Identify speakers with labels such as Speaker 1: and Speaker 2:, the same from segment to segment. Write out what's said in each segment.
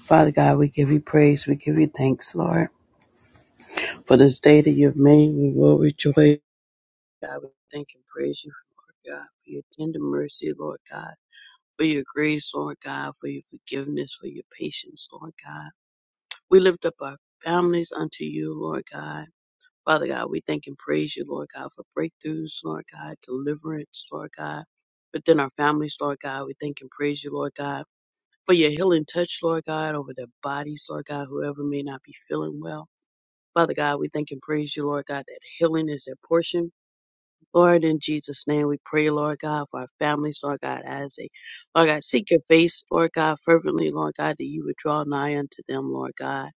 Speaker 1: Father God, we give you praise. We give you thanks, Lord, for this day that you've made. We will rejoice. God, we thank and praise you, Lord God, for your tender mercy, Lord God, for your grace, Lord God, for your forgiveness, for your patience, Lord God. We lift up our families unto you, Lord God. Father God, we thank and praise you, Lord God, for breakthroughs, Lord God, deliverance, Lord God. Within our families, Lord God, we thank and praise you, Lord God, for your healing touch, Lord God, over their bodies, Lord God, whoever may not be feeling well. Father God, we thank and praise you, Lord God, that healing is their portion. Lord, in Jesus' name, we pray, Lord God, for our families, Lord God, as they, Lord God, seek your face, Lord God, fervently, Lord God, that you would draw nigh unto them, Lord God.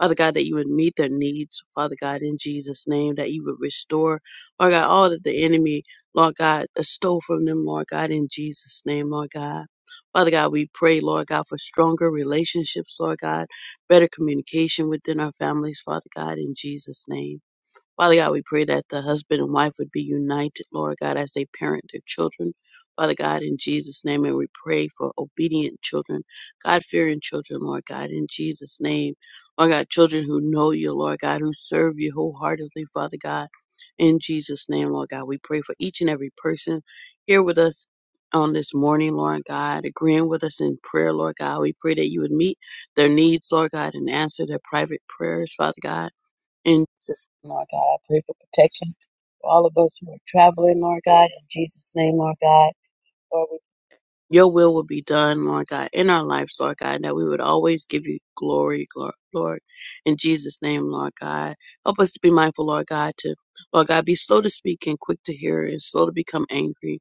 Speaker 1: Father God, that you would meet their needs, Father God, in Jesus' name, that you would restore, Lord God, all that the enemy, Lord God, stole from them, Lord God, in Jesus' name, Lord God. Father God, we pray, Lord God, for stronger relationships, Lord God, better communication within our families, Father God, in Jesus' name. Father God, we pray that the husband and wife would be united, Lord God, as they parent their children. Father God, in Jesus' name, and we pray for obedient children, God fearing children, Lord God, in Jesus' name. Lord God, children who know you, Lord God, who serve you wholeheartedly, Father God, in Jesus' name, Lord God. We pray for each and every person here with us on this morning, Lord God, agreeing with us in prayer, Lord God. We pray that you would meet their needs, Lord God, and answer their private prayers, Father God in Jesus, name, Lord God. I pray for protection for all of us who are traveling, Lord God, in Jesus' name, Lord God. Lord, we- your will will be done, Lord God, in our lives, Lord God, and that we would always give you glory, Lord, Lord, in Jesus' name, Lord God. Help us to be mindful, Lord God, to, Lord God, be slow to speak and quick to hear and slow to become angry.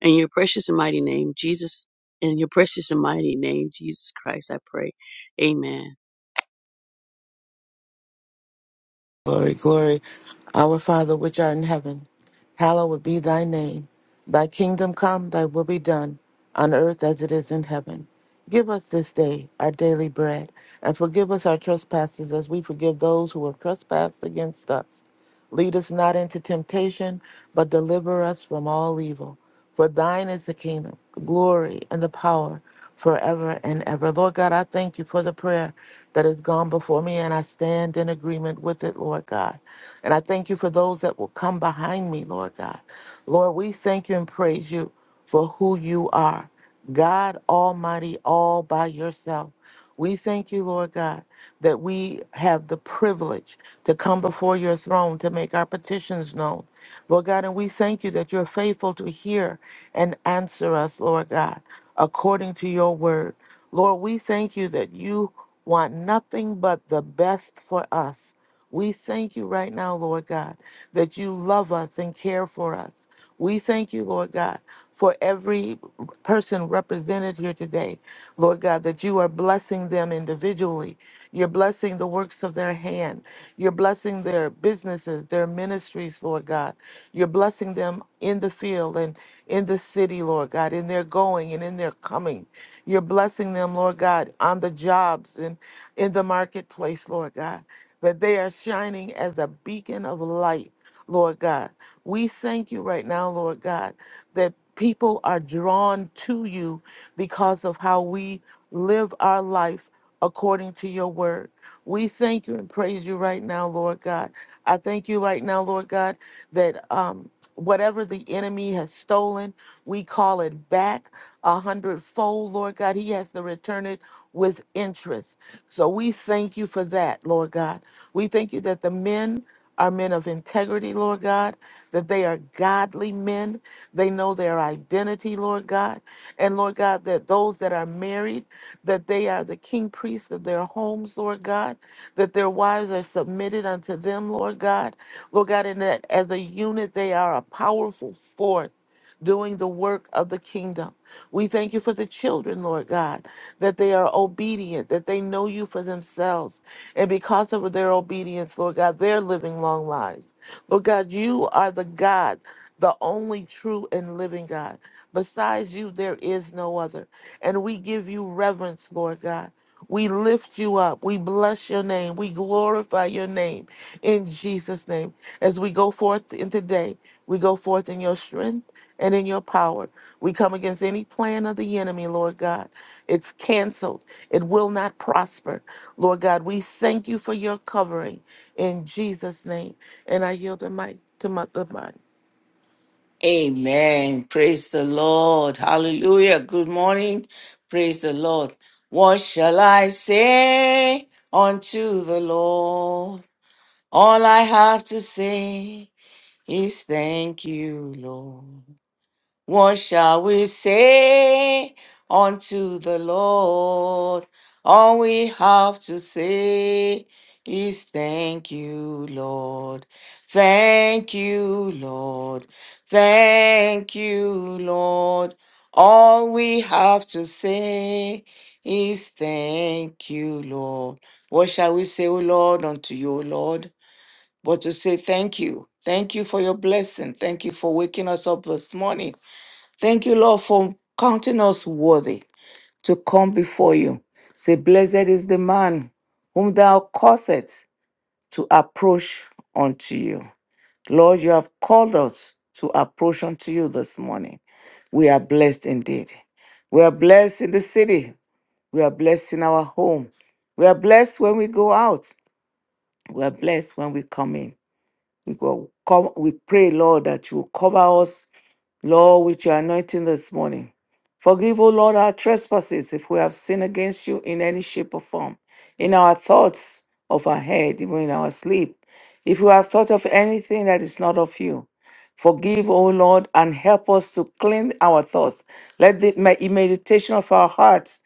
Speaker 1: In your precious and mighty name, Jesus, in your precious and mighty name, Jesus Christ, I pray. Amen.
Speaker 2: Glory, glory. Our Father, which art in heaven, hallowed be thy name. Thy kingdom come, thy will be done, on earth as it is in heaven. Give us this day our daily bread, and forgive us our trespasses as we forgive those who have trespassed against us. Lead us not into temptation, but deliver us from all evil. For thine is the kingdom, the glory, and the power forever and ever. Lord God, I thank you for the prayer that has gone before me, and I stand in agreement with it, Lord God. And I thank you for those that will come behind me, Lord God. Lord, we thank you and praise you for who you are. God Almighty, all by yourself. We thank you, Lord God, that we have the privilege to come before your throne to make our petitions known. Lord God, and we thank you that you're faithful to hear and answer us, Lord God, according to your word. Lord, we thank you that you want nothing but the best for us. We thank you right now, Lord God, that you love us and care for us. We thank you, Lord God, for every person represented here today, Lord God, that you are blessing them individually. You're blessing the works of their hand. You're blessing their businesses, their ministries, Lord God. You're blessing them in the field and in the city, Lord God, in their going and in their coming. You're blessing them, Lord God, on the jobs and in the marketplace, Lord God, that they are shining as a beacon of light, Lord God. We thank you right now, Lord God, that people are drawn to you because of how we live our life according to your word. We thank you and praise you right now, Lord God. I thank you right now, Lord God, that um, whatever the enemy has stolen, we call it back a hundredfold, Lord God. He has to return it with interest. So we thank you for that, Lord God. We thank you that the men are men of integrity, Lord God that they are godly men. They know their identity, Lord God. And Lord God, that those that are married, that they are the king priests of their homes, Lord God, that their wives are submitted unto them, Lord God. Lord God, and that as a unit, they are a powerful force doing the work of the kingdom. We thank you for the children, Lord God, that they are obedient, that they know you for themselves. And because of their obedience, Lord God, they're living long lives. Lord God, you are the God, the only true and living God. Besides you, there is no other. And we give you reverence, Lord God. We lift you up. We bless your name. We glorify your name in Jesus' name as we go forth in today. We go forth in your strength and in your power. We come against any plan of the enemy, Lord God. It's canceled. It will not prosper. Lord God, we thank you for your covering in Jesus' name. And I yield the mic to Mother Mine.
Speaker 3: Amen. Praise the Lord. Hallelujah. Good morning. Praise the Lord. What shall I say unto the Lord? All I have to say is thank you, Lord. What shall we say unto the Lord? All we have to say is thank you, Lord. Thank you, Lord. Thank you, Lord. All we have to say is thank you, Lord. What shall we say, O Lord, unto you, O Lord? But to say thank you. Thank you for your blessing. Thank you for waking us up this morning. Thank you, Lord, for counting us worthy to come before you. Say, Blessed is the man whom thou causest to approach unto you. Lord, you have called us to approach unto you this morning. We are blessed indeed. We are blessed in the city. We are blessed in our home. We are blessed when we go out. We are blessed when we come in. We, go, come, we pray, Lord, that you will cover us Lord, with your anointing this morning. Forgive, O Lord, our trespasses if we have sinned against you in any shape or form, in our thoughts of our head, even in our sleep. If we have thought of anything that is not of you, Forgive, O Lord, and help us to cleanse our thoughts. Let the me- meditation of our hearts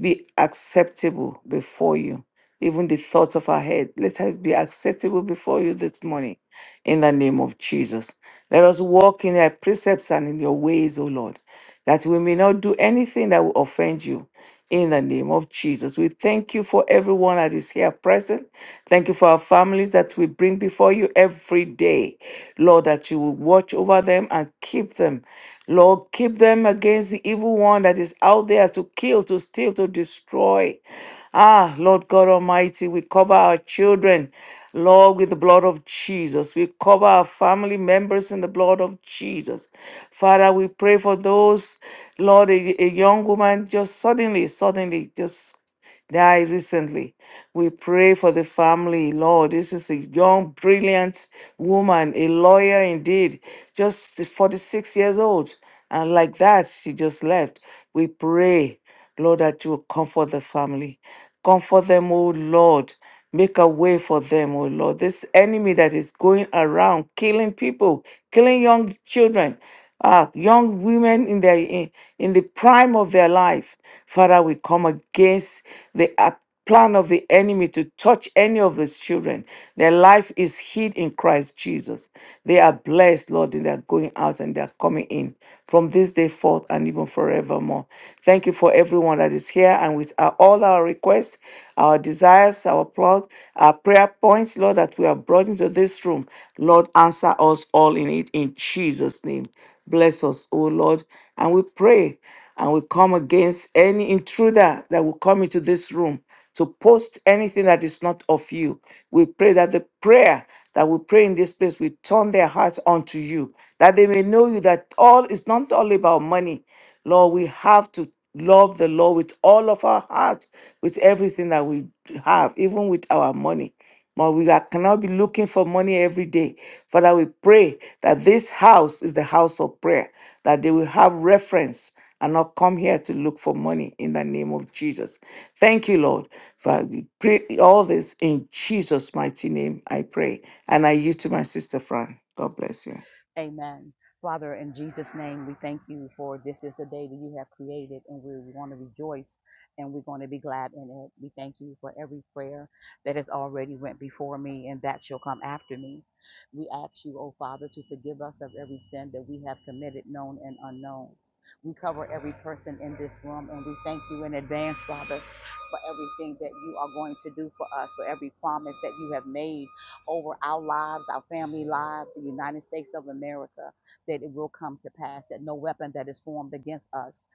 Speaker 3: be acceptable before you. Even the thoughts of our head, let us be acceptable before you this morning in the name of Jesus. Let us walk in your precepts and in your ways, O Lord that we may not do anything that will offend you. In the name of Jesus, we thank you for everyone that is here present. Thank you for our families that we bring before you every day. Lord, that you will watch over them and keep them. Lord, keep them against the evil one that is out there to kill, to steal, to destroy. Ah, Lord God Almighty, we cover our children. Lord, with the blood of Jesus, we cover our family members in the blood of Jesus. Father, we pray for those, Lord, a, a young woman just suddenly, suddenly, just died recently. We pray for the family, Lord. This is a young, brilliant woman, a lawyer indeed, just 46 years old. And like that, she just left. We pray. Lord, that you will comfort the family. Comfort them, O Lord. Make a way for them, O Lord. This enemy that is going around killing people, killing young children, uh, young women in their in, in the prime of their life. Father, we come against the plan of the enemy to touch any of his children. Their life is hid in Christ Jesus. They are blessed, Lord, in their going out and their coming in from this day forth and even forevermore. Thank you for everyone that is here and with our, all our requests, our desires, our plot, our prayer points, Lord, that we have brought into this room. Lord, answer us all in it in Jesus' name. Bless us, O Lord. And we pray and we come against any intruder that will come into this room to post anything that is not of you. We pray that the prayer that we pray in this place will turn their hearts unto you, that they may know you that all is not all about money. Lord, we have to love the Lord with all of our heart, with everything that we have, even with our money. But we are- cannot be looking for money every day. Father, we pray that this house is the house of prayer, that they will have reference and not come here to look for money in the name of Jesus. Thank you, Lord. Father, we pray all this in Jesus' mighty name, I pray. And I yield to my sister Fran. God bless you.
Speaker 4: Amen. Father, in Jesus' name, we thank you for this is the day that you have created, and we want to rejoice and we're going to be glad in it. We thank you for every prayer that has already went before me and that shall come after me. We ask you, oh Father, to forgive us of every sin that we have committed, known and unknown. We cover every person in this room, and we thank you in advance, Father, for everything that you are going to do for us, for every promise that you have made over our lives, our family lives, the United States of America, that it will come to pass, that no weapon that is formed against us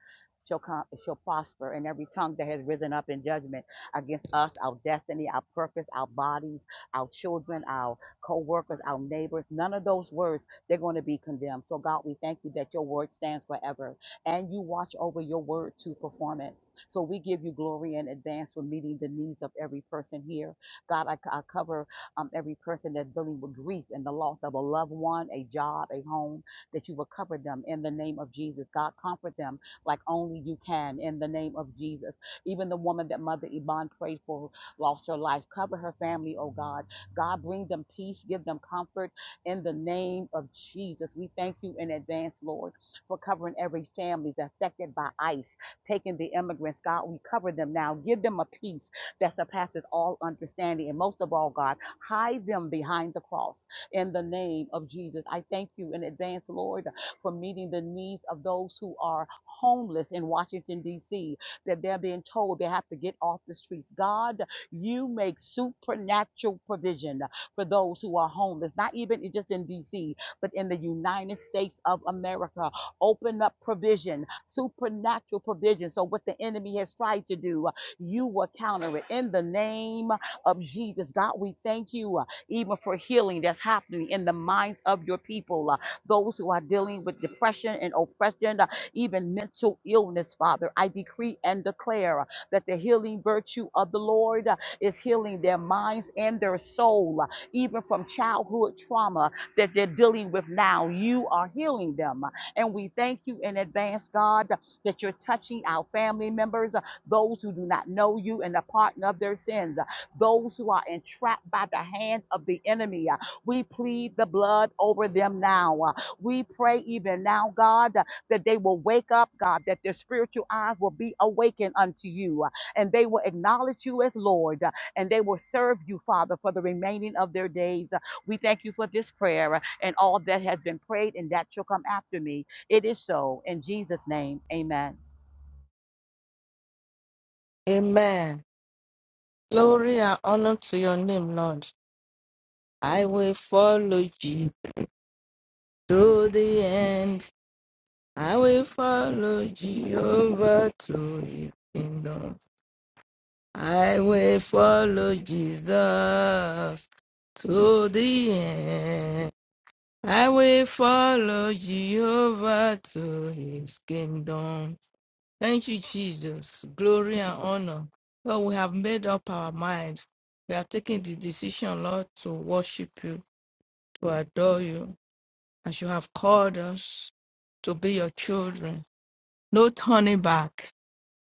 Speaker 4: shall come, shall prosper, and every tongue that has risen up in judgment against us, our destiny, our purpose, our bodies, our children, our co-workers, our neighbors, none of those words, they're going to be condemned. So God, we thank you that your word stands forever, and you watch over your word to perform it. So we give you glory in advance for meeting the needs of every person here. God, I, I cover um, every person that's dealing with grief and the loss of a loved one, a job, a home, that you will cover them in the name of Jesus. God, comfort them like only you can in the name of Jesus. Even the woman that Mother Iban prayed for who lost her life, cover her family, oh God. God, bring them peace, give them comfort in the name of Jesus. We thank you in advance, Lord, for covering every family that's affected by ICE, taking the immigrants. God, we cover them now. Give them a peace that surpasses all understanding. And most of all, God, Hide them behind the cross in the name of Jesus. I thank you in advance, Lord, for meeting the needs of those who are homeless in Washington, D.C., that they're being told they have to get off the streets. God, you make supernatural provision for those who are homeless, not even just in D.C., but in the United States of America. Open up provision, supernatural provision. So, what the enemy has tried to do, you will counter it in the name of Jesus. God, we thank you uh, even for healing that's happening in the minds of your people, uh, those who are dealing with depression and oppression, uh, even mental illness, Father. I decree and declare uh, that the healing virtue of the Lord uh, is healing their minds and their soul, uh, even from childhood trauma that they're dealing with now. You are healing them. uh, And we thank you in advance, God, that you're touching our family members, uh, those who do not know you and the pardon of their sins. uh, those who are entrapped by the hand of the enemy. Uh, We plead the blood over them now. Uh, We pray even now, God, uh, that they will wake up, God, that their spiritual eyes will be awakened unto you, uh, and they will acknowledge you as Lord, uh, and they will serve you, Father, for the remaining of their days. Uh, We thank you for this prayer uh, and all that has been prayed and that shall come after me. It is so. In Jesus' name, amen.
Speaker 5: Amen. Glory and honor to your name, Lord. I will follow you to the end. I will follow Jehovah to his kingdom. I will follow Jesus to the end. I will follow Jehovah to his kingdom. Thank you, Jesus. Glory and honor. Lord, we have made up our mind. We have taken the decision, Lord, to worship you, to adore you, as you have called us to be your children. No turning back.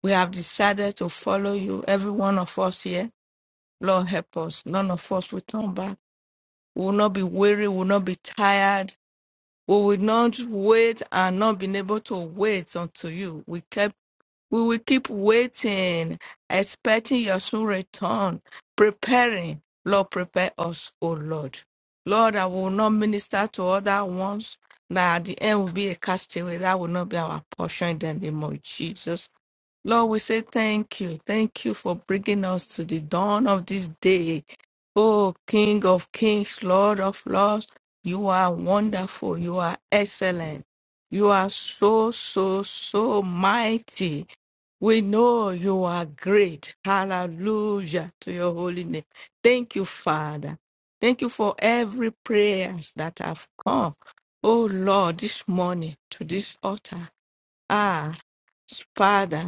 Speaker 5: We have decided to follow you, every one of us here. Lord, help us. None of us will turn back. We will not be weary, we will not be tired. We will not wait and not be able to wait unto you. We kept We will keep waiting, expecting your soon return, preparing. Lord, prepare us, O Lord. Lord, I will not minister to other ones. Now at the end will be a castaway. That will not be our portion in the name of Jesus. Lord, we say thank you. Thank you for bringing us to the dawn of this day. Oh, King of kings, Lord of lords, you are wonderful. You are excellent. You are so, so, so mighty. We know you are great. Hallelujah to your holy name. Thank you, Father. Thank you for every prayers that have come. Oh Lord, this morning to this altar. Ah, Father.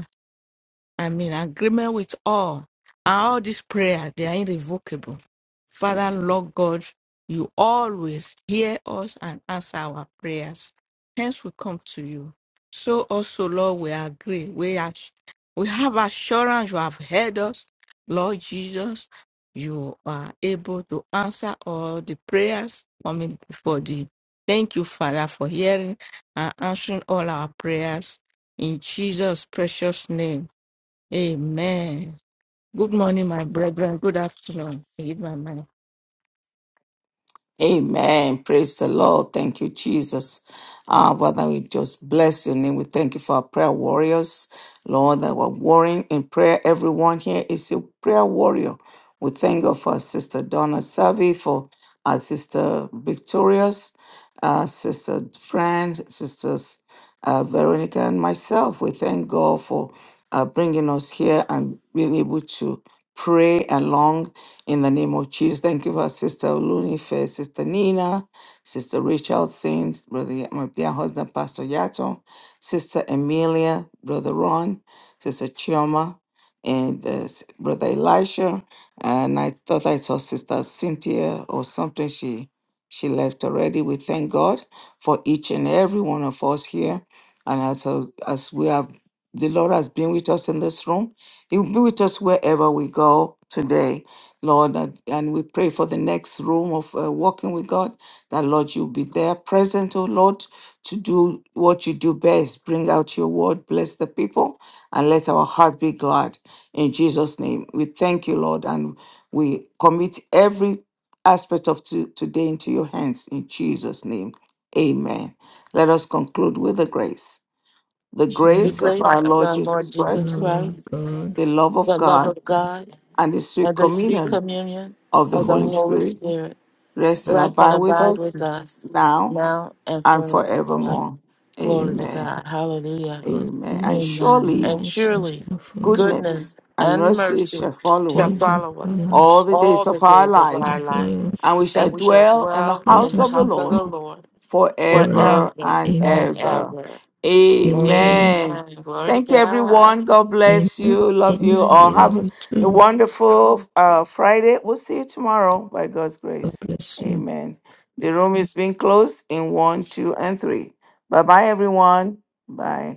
Speaker 5: I'm in agreement with all. And all this prayer, they are irrevocable. Father, Lord God, you always hear us and answer our prayers. Hence we come to you. So also, Lord, we agree. We are we have assurance you have heard us. Lord Jesus, you are able to answer all the prayers coming before thee. Thank you, Father, for hearing and answering all our prayers in Jesus' precious name. Amen. Good morning, my brethren. Good afternoon. I give my mind.
Speaker 3: Amen. Praise the Lord. Thank you, Jesus. Ah, Father, we just bless your name. We thank you for our prayer warriors, Lord, that were warring in prayer. Everyone here is a prayer warrior. We thank God for our sister Donna Savvy for uh, Sister Victorious, uh, Sister Friend, Sisters uh, Veronica, and myself. We thank God for uh, bringing us here and being able to pray along in the name of Jesus. Thank you for Sister Olunife, Sister Nina, Sister Rachel Saints, Brother my dear husband, Pastor Yato, Sister Emilia, Brother Ron, Sister Chioma, and uh, Brother Elisha and I thought I saw Sister Cynthia or something. She she left already. We thank God for each and every one of us here, and as a- as we have the Lord has been with us in this room, He will be with us wherever we go today, Lord. And and we pray for the next room of uh, walking with God that Lord you will be there present, oh Lord, to do what you do best, bring out your word, bless the people, and let our heart be glad. In Jesus' name, we thank you, Lord, and we commit every aspect of to- today into your hands. In Jesus' name, amen. Let us conclude with the grace. The
Speaker 2: The
Speaker 5: She
Speaker 3: grace of
Speaker 2: grace
Speaker 3: our
Speaker 2: of
Speaker 3: Lord
Speaker 2: our
Speaker 3: Jesus
Speaker 2: Lord
Speaker 5: the
Speaker 2: Jesus
Speaker 3: Christ,
Speaker 5: Lord
Speaker 2: Christ,
Speaker 5: God,
Speaker 3: the love of
Speaker 2: the love
Speaker 3: God,
Speaker 2: of God,
Speaker 3: and the sweet
Speaker 2: and the sweet
Speaker 3: communion
Speaker 2: communion
Speaker 3: of the
Speaker 2: of the
Speaker 3: Holy
Speaker 5: which
Speaker 2: Holy
Speaker 3: Spirit
Speaker 2: Spirit
Speaker 3: rest and
Speaker 5: was
Speaker 2: rest and
Speaker 3: abide with
Speaker 2: abide
Speaker 3: us
Speaker 2: with us
Speaker 3: now
Speaker 2: now and
Speaker 3: and
Speaker 2: forevermore.
Speaker 3: forevermore.
Speaker 2: Glory
Speaker 5: in
Speaker 2: to
Speaker 3: Amen.
Speaker 2: God. Hallelujah.
Speaker 5: God's
Speaker 3: Amen. And
Speaker 5: goodness
Speaker 2: Amen.
Speaker 5: and
Speaker 3: surely
Speaker 2: And
Speaker 5: mercy
Speaker 2: surely
Speaker 5: shall follow
Speaker 2: goodness
Speaker 3: goodness and
Speaker 2: and
Speaker 3: mercy
Speaker 2: mercy
Speaker 3: shall
Speaker 5: the
Speaker 3: follow
Speaker 2: shall
Speaker 3: us
Speaker 5: days of
Speaker 2: follow
Speaker 5: our
Speaker 2: us
Speaker 3: all
Speaker 5: lives,
Speaker 3: the
Speaker 2: all
Speaker 3: days
Speaker 2: the
Speaker 3: of our
Speaker 2: days of
Speaker 5: shall
Speaker 2: our
Speaker 3: lives,
Speaker 5: dwell
Speaker 2: lives,
Speaker 5: in
Speaker 3: and we shall
Speaker 2: and we
Speaker 5: God's
Speaker 2: shall
Speaker 3: dwell in the
Speaker 2: dwell in
Speaker 3: house
Speaker 2: the
Speaker 3: of
Speaker 5: presence
Speaker 3: the
Speaker 5: of
Speaker 2: house of
Speaker 5: him
Speaker 3: Lord
Speaker 2: the Lord
Speaker 5: forever.
Speaker 3: forever
Speaker 2: forever
Speaker 3: and
Speaker 5: Amen.
Speaker 2: and
Speaker 3: ever.
Speaker 2: ever.
Speaker 5: Amen.
Speaker 3: Amen.
Speaker 2: Amen. Glory to
Speaker 3: Thank you,
Speaker 2: God.
Speaker 3: everyone. God bless
Speaker 5: Amen.
Speaker 3: you. Love you
Speaker 5: Amen.
Speaker 3: all.
Speaker 5: We love
Speaker 3: Have
Speaker 5: you
Speaker 3: a
Speaker 5: too.
Speaker 3: wonderful uh, Friday. We'll see you tomorrow by God's
Speaker 5: God
Speaker 3: grace.
Speaker 5: bless you.
Speaker 3: Amen. The room is being closed in one, two, and three. Bye bye, everyone. Bye.